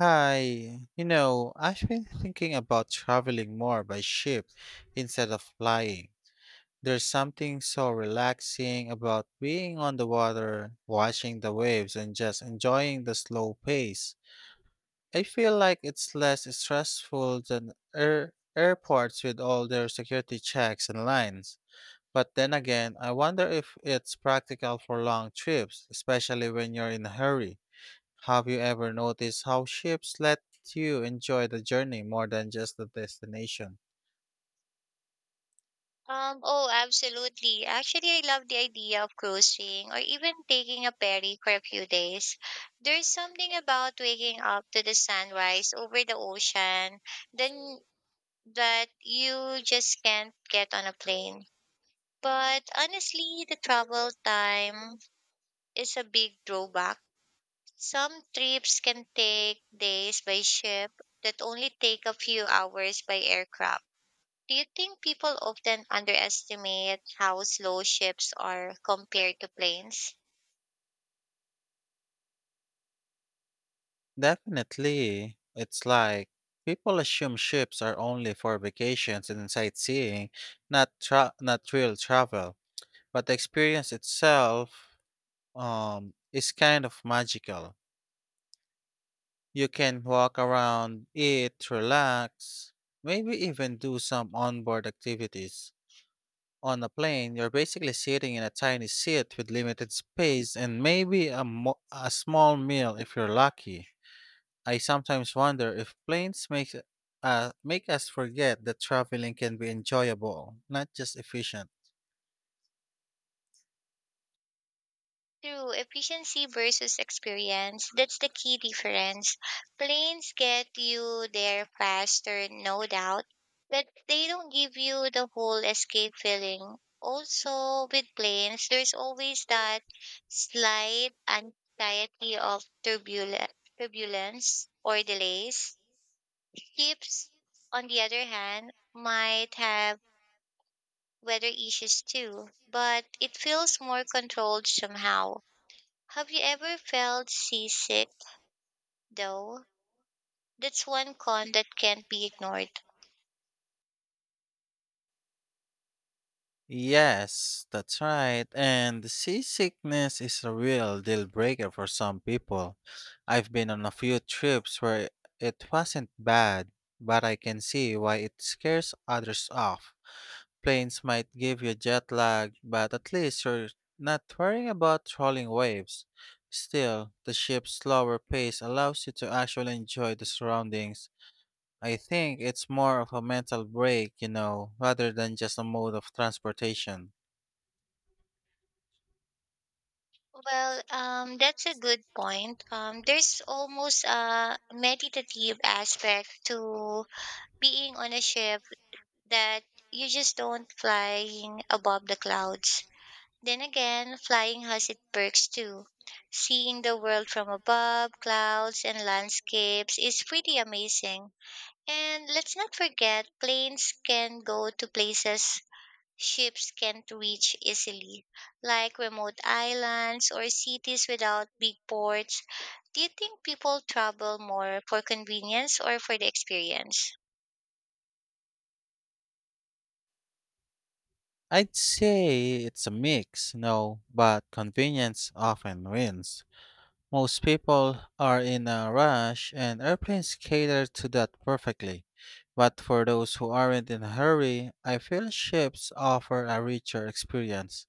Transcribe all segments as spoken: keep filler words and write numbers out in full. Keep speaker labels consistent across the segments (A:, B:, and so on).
A: Hi, you know, I've been thinking about traveling more by ship instead of flying. There's something so relaxing about being on the water, watching the waves, and just enjoying the slow pace. I feel like it's less stressful than air- airports with all their security checks and lines. But then again, I wonder if it's practical for long trips, especially when you're in a hurry. Have you ever noticed how ships let you enjoy the journey more than just the destination?
B: Um, oh, Absolutely. Actually, I love the idea of cruising or even taking a ferry for a few days. There's something about waking up to the sunrise over the ocean, then that you just can't get on a plane. But honestly, the travel time is a big drawback. Some trips can take days by ship that only take a few hours by aircraft. Do you think people often underestimate how slow ships are compared to planes?
A: Definitely. It's like people assume ships are only for vacations and sightseeing, not tra- not real travel. But the experience itself um, is kind of magical. You can walk around, eat, relax, maybe even do some onboard activities. On a plane, you're basically sitting in a tiny seat with limited space and maybe a, mo- a small meal if you're lucky. I sometimes wonder if planes make, uh, make us forget that traveling can be enjoyable, not just efficient.
B: True, efficiency versus experience. That's the key difference. Planes get you there faster, no doubt, but they don't give you the whole escape feeling. Also, with planes, there's always that slight anxiety of turbulence, turbulence or delays. Ships, on the other hand, might have weather issues too, but it feels more controlled somehow. Have you ever felt seasick though? That's one con that can't be ignored.
A: Yes, that's right. And seasickness is a real deal breaker for some people. I've been on a few trips where it wasn't bad, but I can see why it scares others off. Planes might give you jet lag, but at least you're not worrying about rolling waves. Still, the ship's slower pace allows you to actually enjoy the surroundings. I think it's more of a mental break, you know, rather than just a mode of transportation.
B: Well, um, that's a good point. Um, there's almost a meditative aspect to being on a ship that you just don't flying above the clouds. Then again, flying has its perks too. Seeing the world from above, clouds and landscapes is pretty amazing. And let's not forget, planes can go to places ships can't reach easily, like remote islands or cities without big ports. Do you think people travel more for convenience or for the experience?
A: I'd say it's a mix, you know, but convenience often wins. Most people are in a rush, and airplanes cater to that perfectly. But for those who aren't in a hurry, I feel ships offer a richer experience.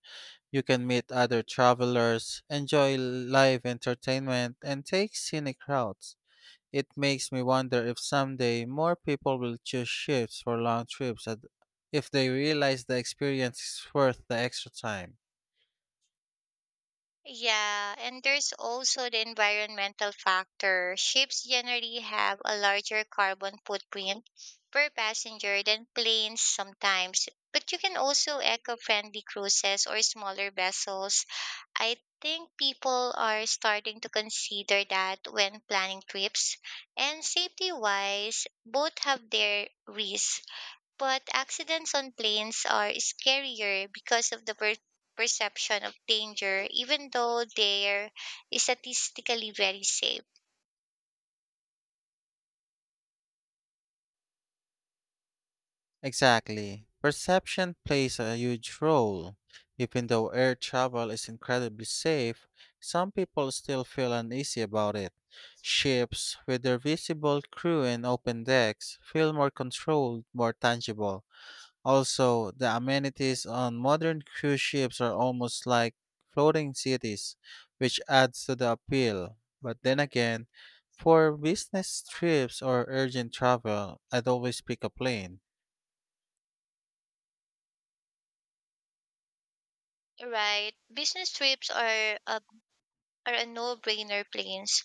A: You can meet other travelers, enjoy live entertainment, and take scenic routes. It makes me wonder if someday more people will choose ships for long trips ad- if they realize the experience is worth the extra time.
B: Yeah, and there's also the environmental factor. Ships generally have a larger carbon footprint per passenger than planes sometimes, but you can also eco-friendly cruises or smaller vessels. I think people are starting to consider that when planning trips, and safety-wise, both have their risks. But accidents on planes are scarier because of the per- perception of danger, even though they're statistically very safe.
A: Exactly. Perception plays a huge role. Even though air travel is incredibly safe, some people still feel uneasy about it. Ships, with their visible crew and open decks, feel more controlled, more tangible. Also, the amenities on modern cruise ships are almost like floating cities, which adds to the appeal. But then again, for business trips or urgent travel, I'd always pick a plane.
B: Right? Business trips are a, are a no brainer planes.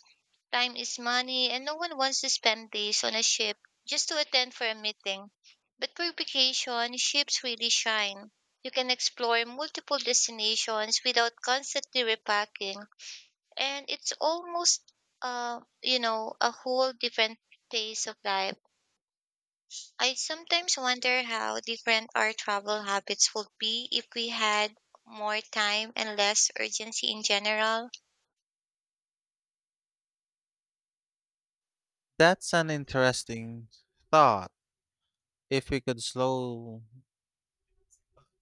B: Time is money, and no one wants to spend days on a ship just to attend for a meeting. But for vacation, ships really shine. You can explore multiple destinations without constantly repacking, and it's almost uh you know a whole different phase of life. I sometimes wonder how different our travel habits would be if we had more time and less urgency in general.
A: That's an interesting thought. If we could slow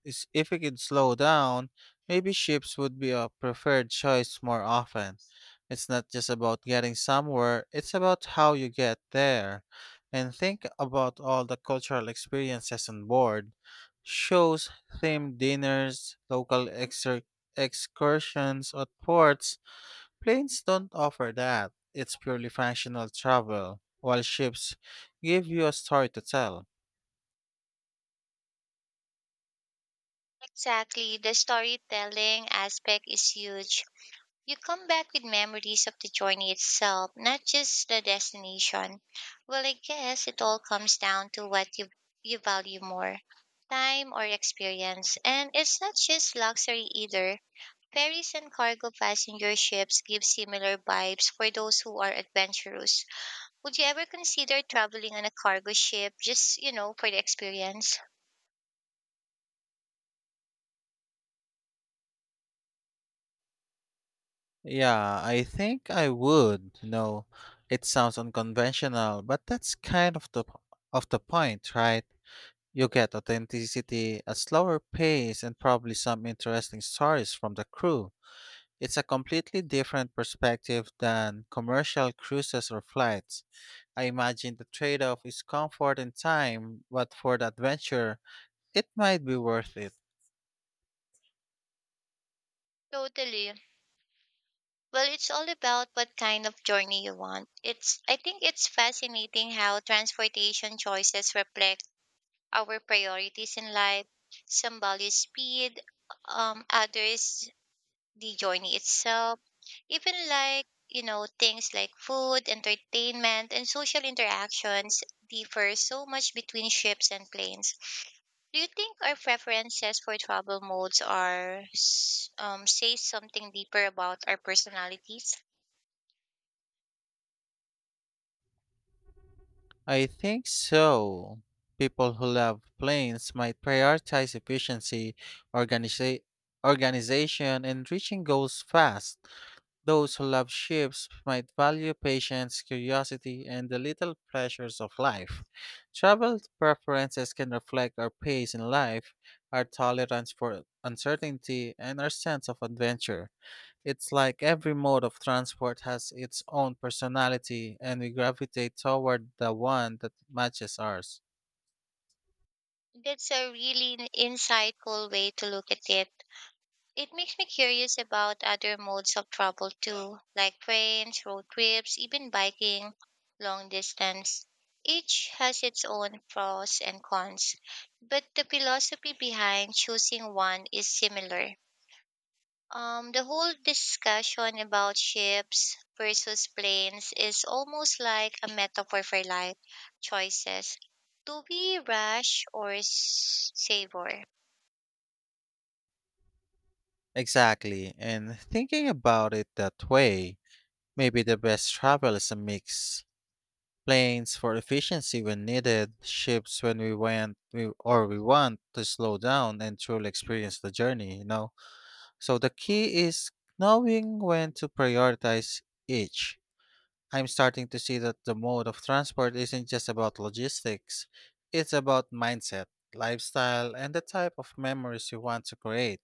A: is If we could slow down, maybe ships would be a preferred choice more often. It's not just about getting somewhere, it's about how you get there. And think about all the cultural experiences on board: shows, themed dinners, local exer- excursions at ports. Planes don't offer that. It's purely functional travel, while ships give you a story to tell.
B: Exactly, the storytelling aspect is huge. You come back with memories of the journey itself, not just the destination. Well, I guess it all comes down to what you, you value more, time or experience. And it's not just luxury either. Ferries and cargo passenger ships give similar vibes for those who are adventurous. Would you ever consider traveling on a cargo ship just, you know, for the experience?
A: Yeah, I think I would. You know, it sounds unconventional, but that's kind of the of the point, right? You get authenticity, a slower pace, and probably some interesting stories from the crew. It's a completely different perspective than commercial cruises or flights. I imagine the trade-off is comfort and time, but for the adventure, it might be worth it.
B: Totally. Well, it's all about what kind of journey you want. It's I think it's fascinating how transportation choices reflect our priorities in life. Some value speed, um, others the journey itself. Even like, you know, things like food, entertainment, and social interactions differ so much between ships and planes. Do you think our preferences for travel modes are, s- um, say something deeper about our personalities?
A: I think so. People who love planes might prioritize efficiency, organiza- organization, and reaching goals fast. Those who love ships might value patience, curiosity, and the little pleasures of life. Travel preferences can reflect our pace in life, our tolerance for uncertainty, and our sense of adventure. It's like every mode of transport has its own personality, and we gravitate toward the one that matches ours.
B: That's a really n- Insightful way to look at it. It makes me curious about other modes of travel too, like trains, road trips, even biking long distance. Each has its own pros and cons, but the philosophy behind choosing one is similar. Um, the whole discussion about ships versus planes is almost like a metaphor for life choices. Do we rush or s- savor?
A: Exactly, and thinking about it that way, maybe the best travel is a mix. Planes for efficiency when needed, ships when we went we, or we want to slow down and truly experience the journey, you know. So the key is knowing when to prioritize each. I'm starting to see that the mode of transport isn't just about logistics, it's about mindset, lifestyle, and the type of memories you want to create.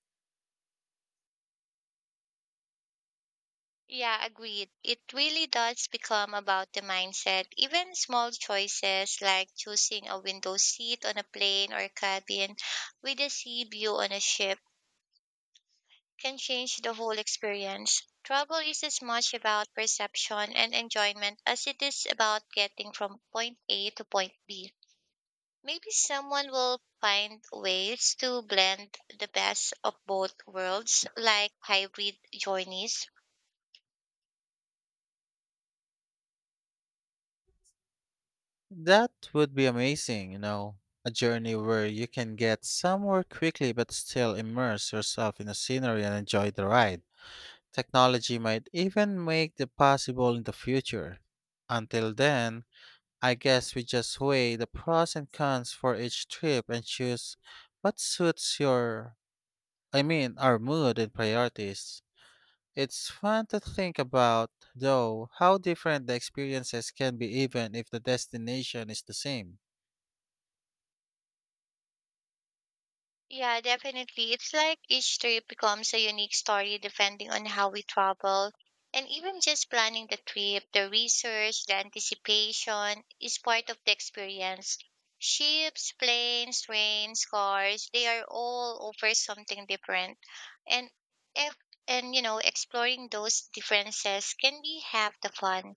B: Yeah, agreed. It really does become about the mindset. Even small choices like choosing a window seat on a plane or cabin with a sea view on a ship can change the whole experience. Travel is as much about perception and enjoyment as it is about getting from point A to point B. Maybe someone will find ways to blend the best of both worlds, like hybrid journeys.
A: That would be amazing, you know, a journey where you can get somewhere quickly but still immerse yourself in the scenery and enjoy the ride. Technology might even make that possible in the future. Until then, I guess we just weigh the pros and cons for each trip and choose what suits your I mean, our mood and priorities. It's fun to think about, though, how different the experiences can be even if the destination is the same.
B: Yeah, definitely. It's like each trip becomes a unique story depending on how we travel. And even just planning the trip, the research, the anticipation is part of the experience. Ships, planes, trains, cars, they are all over something different. And if, and you know, exploring those differences can be half the fun.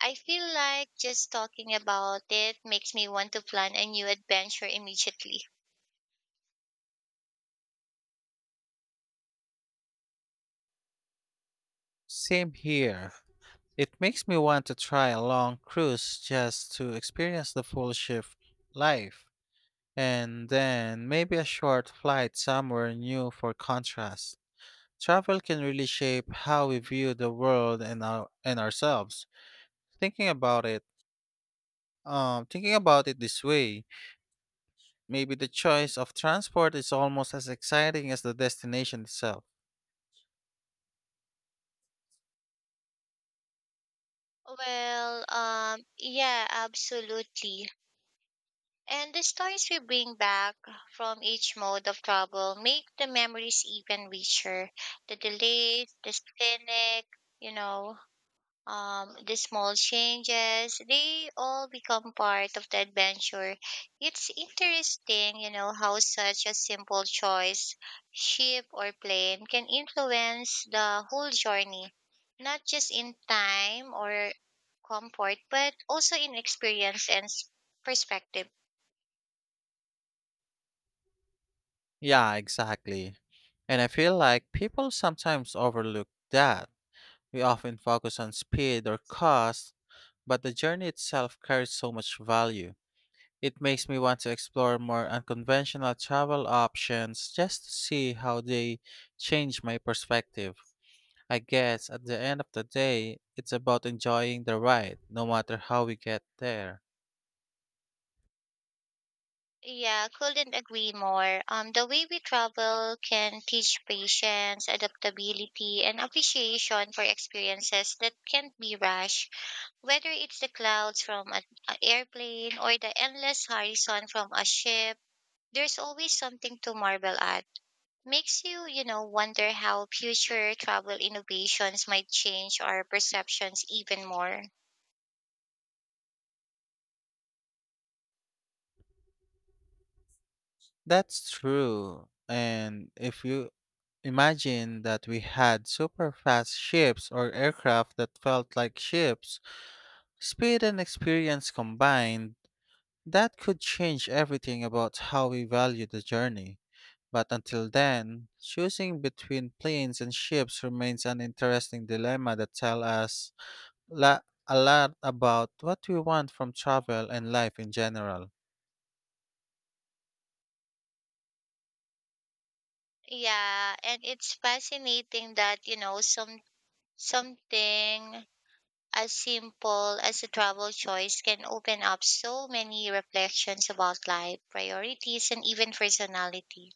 B: I feel like just talking about it makes me want to plan a new adventure immediately.
A: Same here. It makes me want to try a long cruise just to experience the full shift life, and then maybe a short flight somewhere new for contrast. Travel can really shape how we view the world and, our, and ourselves. Thinking about it, um, thinking about it this way, maybe the choice of transport is almost as exciting as the destination itself.
B: Well, um, yeah, absolutely. And the stories we bring back from each mode of travel make the memories even richer. The delays, the scenic, you know, um, the small changes, they all become part of the adventure. It's interesting, you know, how such a simple choice, ship or plane, can influence the whole journey, not just in time or comfort, but also in experience and s- perspective.
A: Yeah, exactly. And I feel like people sometimes overlook that. We often focus on speed or cost, but the journey itself carries so much value. It makes me want to explore more unconventional travel options just to see how they change my perspective. I guess at the end of the day, it's about enjoying the ride, no matter how we get there.
B: Yeah, couldn't agree more. Um, the way we travel can teach patience, adaptability, and appreciation for experiences that can't be rushed. Whether it's the clouds from an a airplane or the endless horizon from a ship, there's always something to marvel at. Makes you, you know, wonder how future travel innovations might change our perceptions even more.
A: That's true. And if you imagine that we had super fast ships or aircraft that felt like ships, speed and experience combined, that could change everything about how we value the journey. But until then, choosing between planes and ships remains an interesting dilemma that tells us la- a lot about what we want from travel and life in general.
B: Yeah, and it's fascinating that, you know, some something as simple as a travel choice can open up so many reflections about life, priorities, and even personality.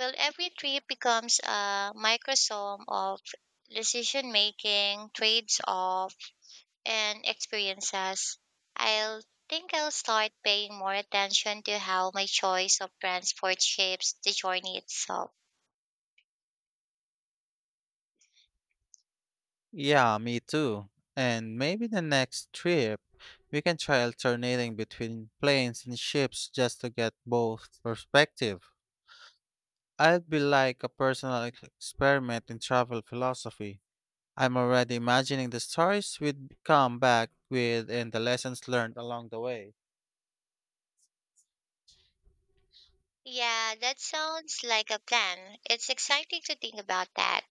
B: Well, every trip becomes a microsome of decision making, trades off, and experiences. I'll think I'll start paying more attention to how my choice of transport shapes the journey itself.
A: Yeah, me too. And maybe the next trip, we can try alternating between planes and ships just to get both perspective. I'd be like a personal ex- experiment in travel philosophy. I'm already imagining the stories we'd come back with and the lessons learned along the way.
B: Yeah, that sounds like a plan. It's exciting to think about that,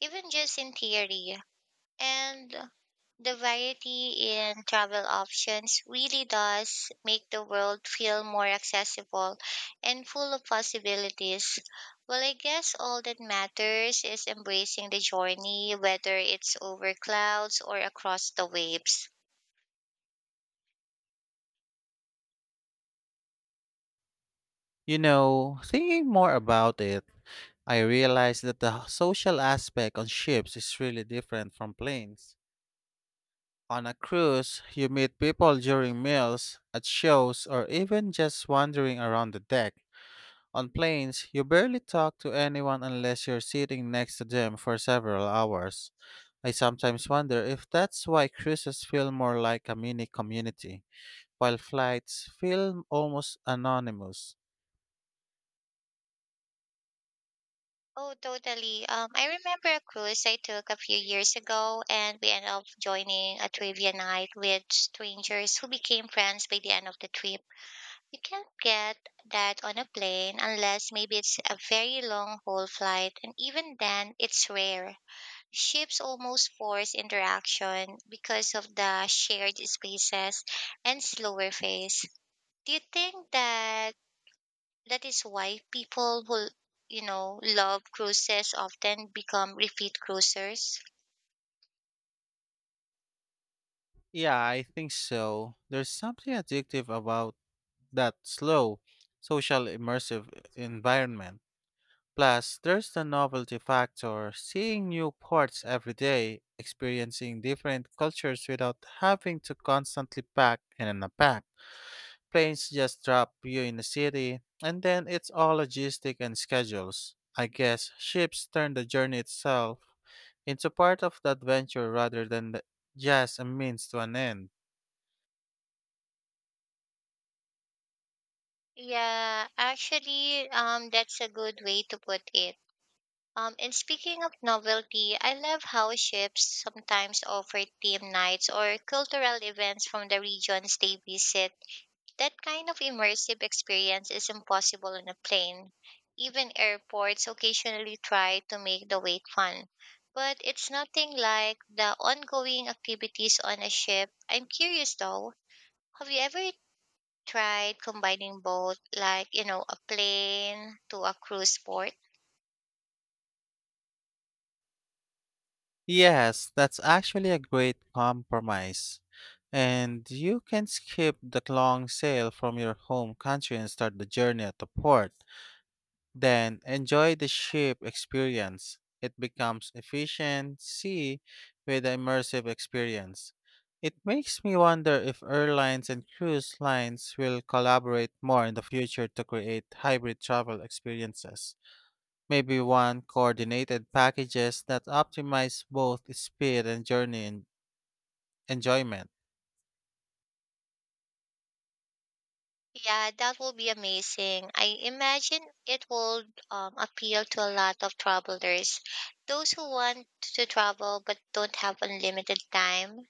B: even just in theory. And the variety in travel options really does make the world feel more accessible and full of possibilities. Well, I guess all that matters is embracing the journey, whether it's over clouds or across the waves.
A: You know, thinking more about it, I realized that the social aspect on ships is really different from planes. On a cruise, you meet people during meals, at shows, or even just wandering around the deck. On planes, you barely talk to anyone unless you're sitting next to them for several hours. I sometimes wonder if that's why cruises feel more like a mini community, while flights feel almost anonymous.
B: Oh, totally. Um, I remember a cruise I took a few years ago, and we ended up joining a trivia night with strangers who became friends by the end of the trip. You can't get that on a plane unless maybe it's a very long haul flight, and even then, it's rare. Ships almost force interaction because of the shared spaces and slower pace. Do you think that that is why people who, you know, love cruises often become repeat cruisers?
A: Yeah, I think so. There's something addictive about that slow, social, immersive environment. Plus, there's the novelty factor, seeing new ports every day, experiencing different cultures without having to constantly pack and unpack. Planes just drop you in the city, and then it's all logistic and schedules. I guess ships turn the journey itself into part of the adventure rather than the, just a means to an end.
B: Yeah, actually, um, that's a good way to put it. Um, and speaking of novelty, I love how ships sometimes offer theme nights or cultural events from the regions they visit. That kind of immersive experience is impossible on a plane. Even airports occasionally try to make the wait fun. But it's nothing like the ongoing activities on a ship. I'm curious though, have you ever tried combining both, like, you know, a plane to a cruise port?
A: Yes, that's actually a great compromise. And you can skip the long sail from your home country and start the journey at the port. Then enjoy the ship experience. It becomes efficiency with the immersive experience. It makes me wonder if airlines and cruise lines will collaborate more in the future to create hybrid travel experiences. Maybe one coordinated packages that optimize both speed and journey en- enjoyment.
B: Yeah, that will be amazing. I imagine it will um, appeal to a lot of travelers, those who want to travel but don't have unlimited time.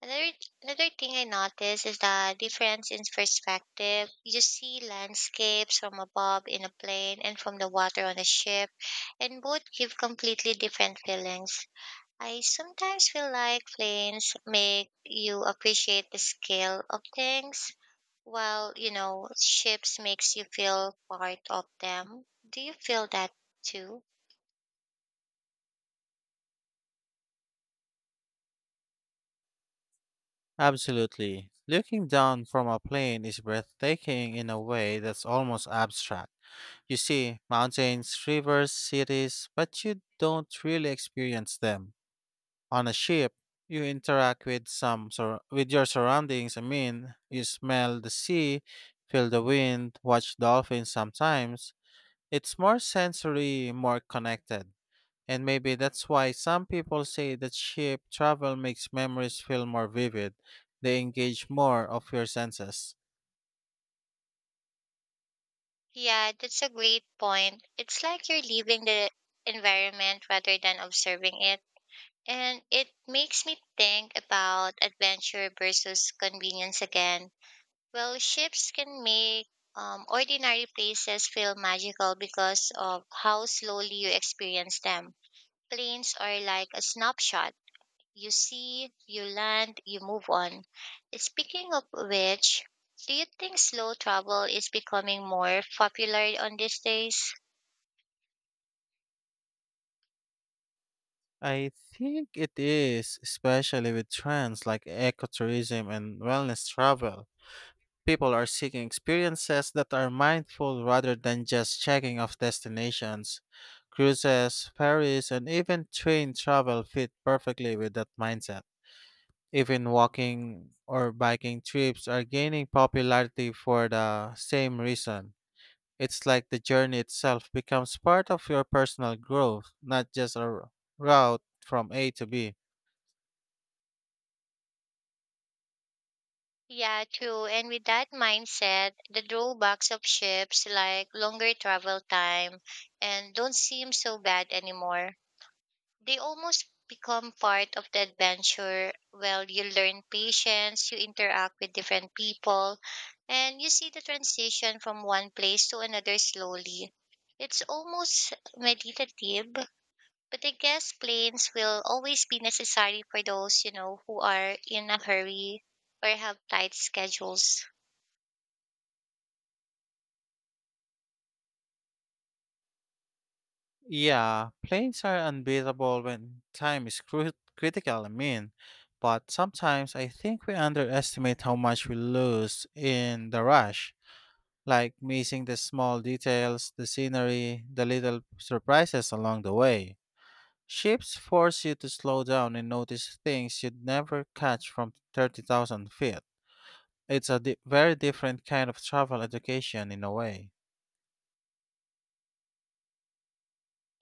B: Another Another thing I noticed is the difference in perspective. You see landscapes from above in a plane and from the water on a ship, and both give completely different feelings. I sometimes feel like planes make you appreciate the scale of things, while, you know, ships makes you feel part of them. Do you feel that too?
A: Absolutely. Looking down from a plane is breathtaking in a way that's almost abstract. You see mountains, rivers, cities, but you don't really experience them. On a ship, you interact with some sur- with your surroundings. I mean, you smell the sea, feel the wind, watch dolphins sometimes. It's more sensory, more connected. And maybe that's why some people say that ship travel makes memories feel more vivid. They engage more of your senses.
B: Yeah, that's a great point. It's like you're leaving the environment rather than observing it. And it makes me think about adventure versus convenience again. Well, ships can make um, ordinary places feel magical because of how slowly you experience them. Planes are like a snapshot. You see, you land, you move on. Speaking of which, do you think slow travel is becoming more popular on these days?
A: I think it is, especially with trends like ecotourism and wellness travel. People are seeking experiences that are mindful rather than just checking off destinations. Cruises, ferries, and even train travel fit perfectly with that mindset. Even walking or biking trips are gaining popularity for the same reason. It's like the journey itself becomes part of your personal growth, not just a r- route from A to B.
B: Yeah, true. And with that mindset, the drawbacks of ships like longer travel time and don't seem so bad anymore. They almost become part of the adventure. Well, you learn patience, you interact with different people, and you see the transition from one place to another slowly. It's almost meditative, but I guess planes will always be necessary for those, you know, who are in a hurry or have tight schedules.
A: Yeah, planes are unbeatable when time is cru- critical, I mean. But sometimes I think we underestimate how much we lose in the rush, like missing the small details, the scenery, the little surprises along the way. Ships force you to slow down and notice things you'd never catch from thirty thousand feet. It's a di- very different kind of travel education in a way.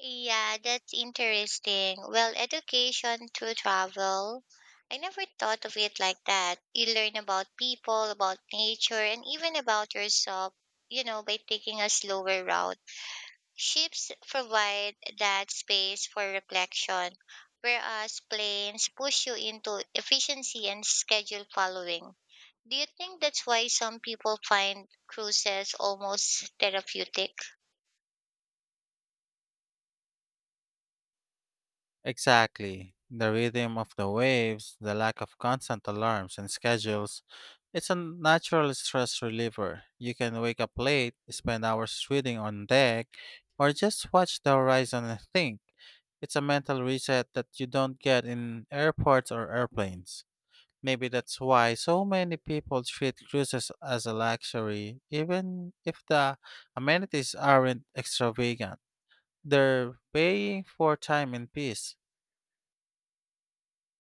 B: Yeah, that's interesting. Well, education through travel. I never thought of it like that. You learn about people, about nature, and even about yourself, you know, by taking a slower route. Ships provide that space for reflection, whereas planes push you into efficiency and schedule following. Do you think that's why some people find cruises almost therapeutic?
A: Exactly. The rhythm of the waves, the lack of constant alarms and schedules. It's a natural stress reliever. You can wake up late, spend hours reading on deck, or just watch the horizon and think. It's a mental reset that you don't get in airports or airplanes. Maybe that's why so many people treat cruises as a luxury, even if the amenities aren't extravagant. They're paying for time and peace.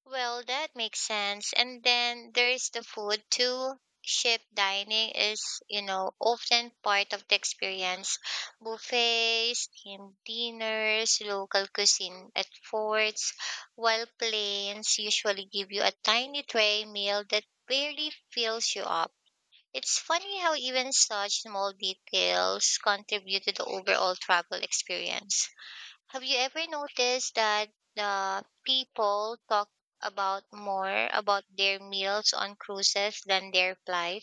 B: Well, that makes sense. And then there's the food too. Ship dining is, you know, often part of the experience. Buffets, team dinners, local cuisine at forts, while planes usually give you a tiny tray meal that barely fills you up. It's funny how even such small details contribute to the overall travel experience. Have you ever noticed that uh, people talk about more about their meals on cruises than their flight?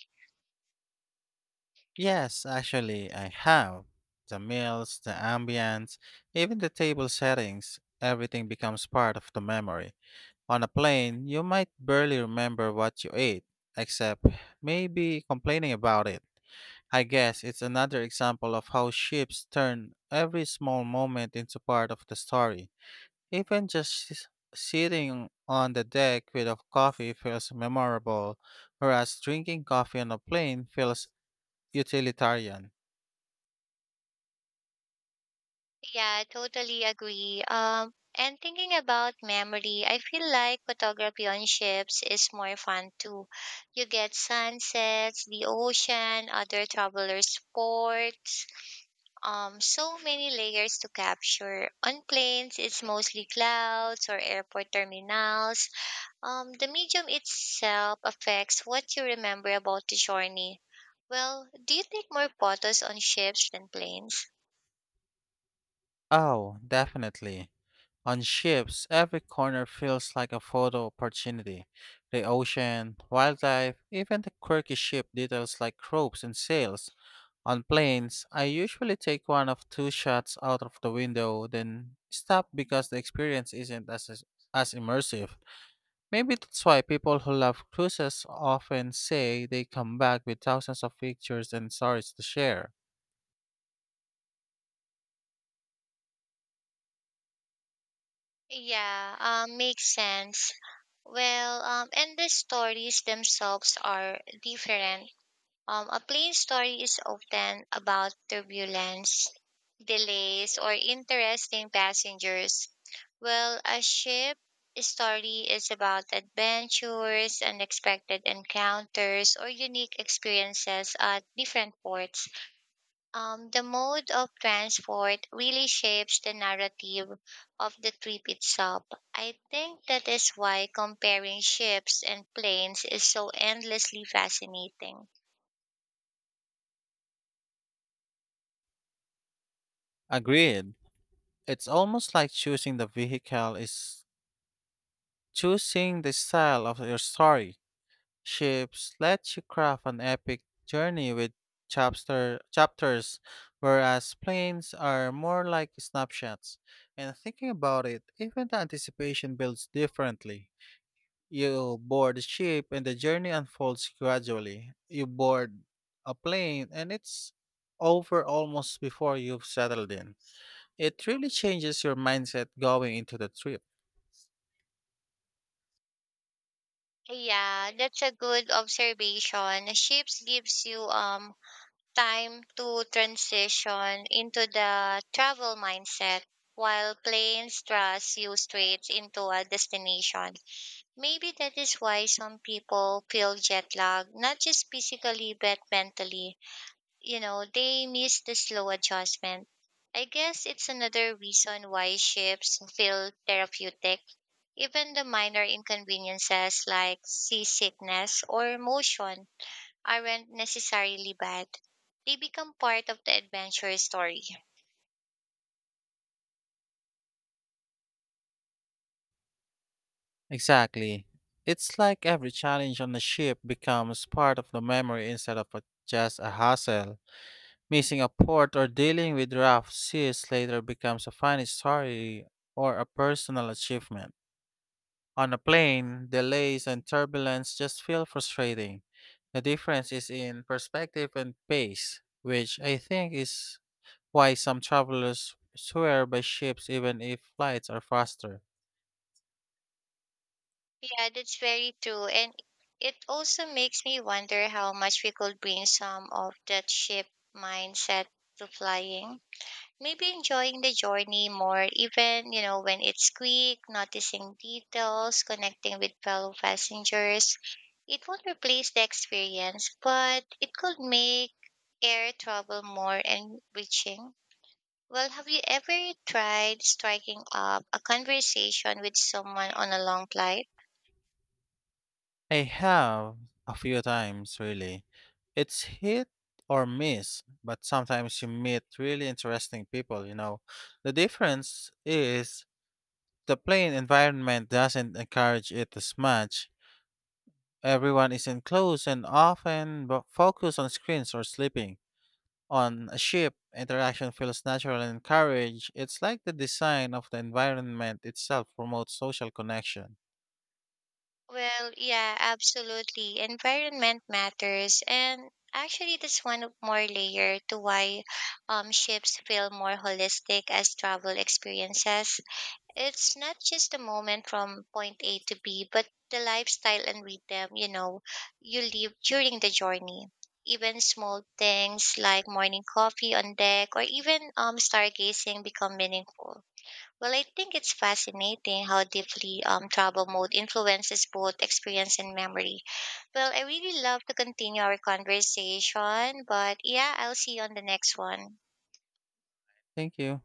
A: Yes, actually, I have. The meals, the ambience, even the table settings, everything becomes part of the memory. On a plane, you might barely remember what you ate, except maybe complaining about it. I guess it's another example of how ships turn every small moment into part of the story. Even just s- sitting on the deck with a coffee feels memorable, whereas drinking coffee on a plane feels utilitarian.
B: Yeah, totally agree. Um, and thinking about memory, I feel like photography on ships is more fun too. You get sunsets, the ocean, other travelers' ports, um, so many layers to capture. On planes, it's mostly clouds or airport terminals. Um, the medium itself affects what you remember about the journey. Well, do you take more photos on ships than planes?
A: Oh, definitely. On ships, every corner feels like a photo opportunity. The ocean, wildlife, even the quirky ship details like ropes and sails. On planes, I usually take one of two shots out of the window, then stop because the experience isn't as, as immersive. Maybe that's why people who love cruises often say they come back with thousands of pictures and stories to share.
B: Yeah, um, makes sense. Well, um, and the stories themselves are different. Um, a plane story is often about turbulence, delays, or interesting passengers, while a ship story is about adventures, unexpected encounters, or unique experiences at different ports. Um, the mode of transport really shapes the narrative of the trip itself. I think that is why comparing ships and planes is so endlessly fascinating.
A: Agreed. It's almost like choosing the vehicle is choosing the style of your story. Ships let you craft an epic journey with chapter, chapters, whereas planes are more like snapshots. And thinking about it, even the anticipation builds differently. You board a ship and the journey unfolds gradually. You board a plane and it's over almost before you've settled in. It really changes your mindset going into the trip.
B: Yeah, that's a good observation. Ships gives you um time to transition into the travel mindset while planes thrust you straight into a destination. Maybe that is why some people feel jet lag, not just physically but mentally, you know, they miss the slow adjustment. I guess it's another reason why shifts feel therapeutic. Even the minor inconveniences like seasickness or motion aren't necessarily bad. They become part of the adventure story.
A: Exactly. It's like every challenge on the ship becomes part of the memory instead of a, just a hassle. Missing a port or dealing with rough seas later becomes a funny story or a personal achievement. On a plane, delays and turbulence just feel frustrating. The difference is in perspective and pace, which I think is why some travelers swear by ships even if flights are faster.
B: Yeah, that's very true. And it also makes me wonder how much we could bring some of that ship mindset to flying, maybe enjoying the journey more even you know when it's quick, noticing details, connecting with fellow passengers. It won't replace the experience but it could make air travel more enriching. Well, have you ever tried striking up a conversation with someone on a long flight?
A: I have a few times, really. It's hit or miss, but sometimes you meet really interesting people, you know. The difference is the playing environment doesn't encourage it as much. Everyone is enclosed and often bo- focused on screens or sleeping. On a ship, interaction feels natural and encouraged. It's like the design of the environment itself promotes social connection.
B: Well, yeah, absolutely. Environment matters, and actually, that's one more layer to why um, ships feel more holistic as travel experiences. It's not just the moment from point A to B, but the lifestyle and rhythm, you know, you live during the journey. Even small things like morning coffee on deck or even um, stargazing become meaningful. Well, I think it's fascinating how deeply um, travel mode influences both experience and memory. Well, I really love to continue our conversation, but yeah, I'll see you on the next one.
A: Thank you.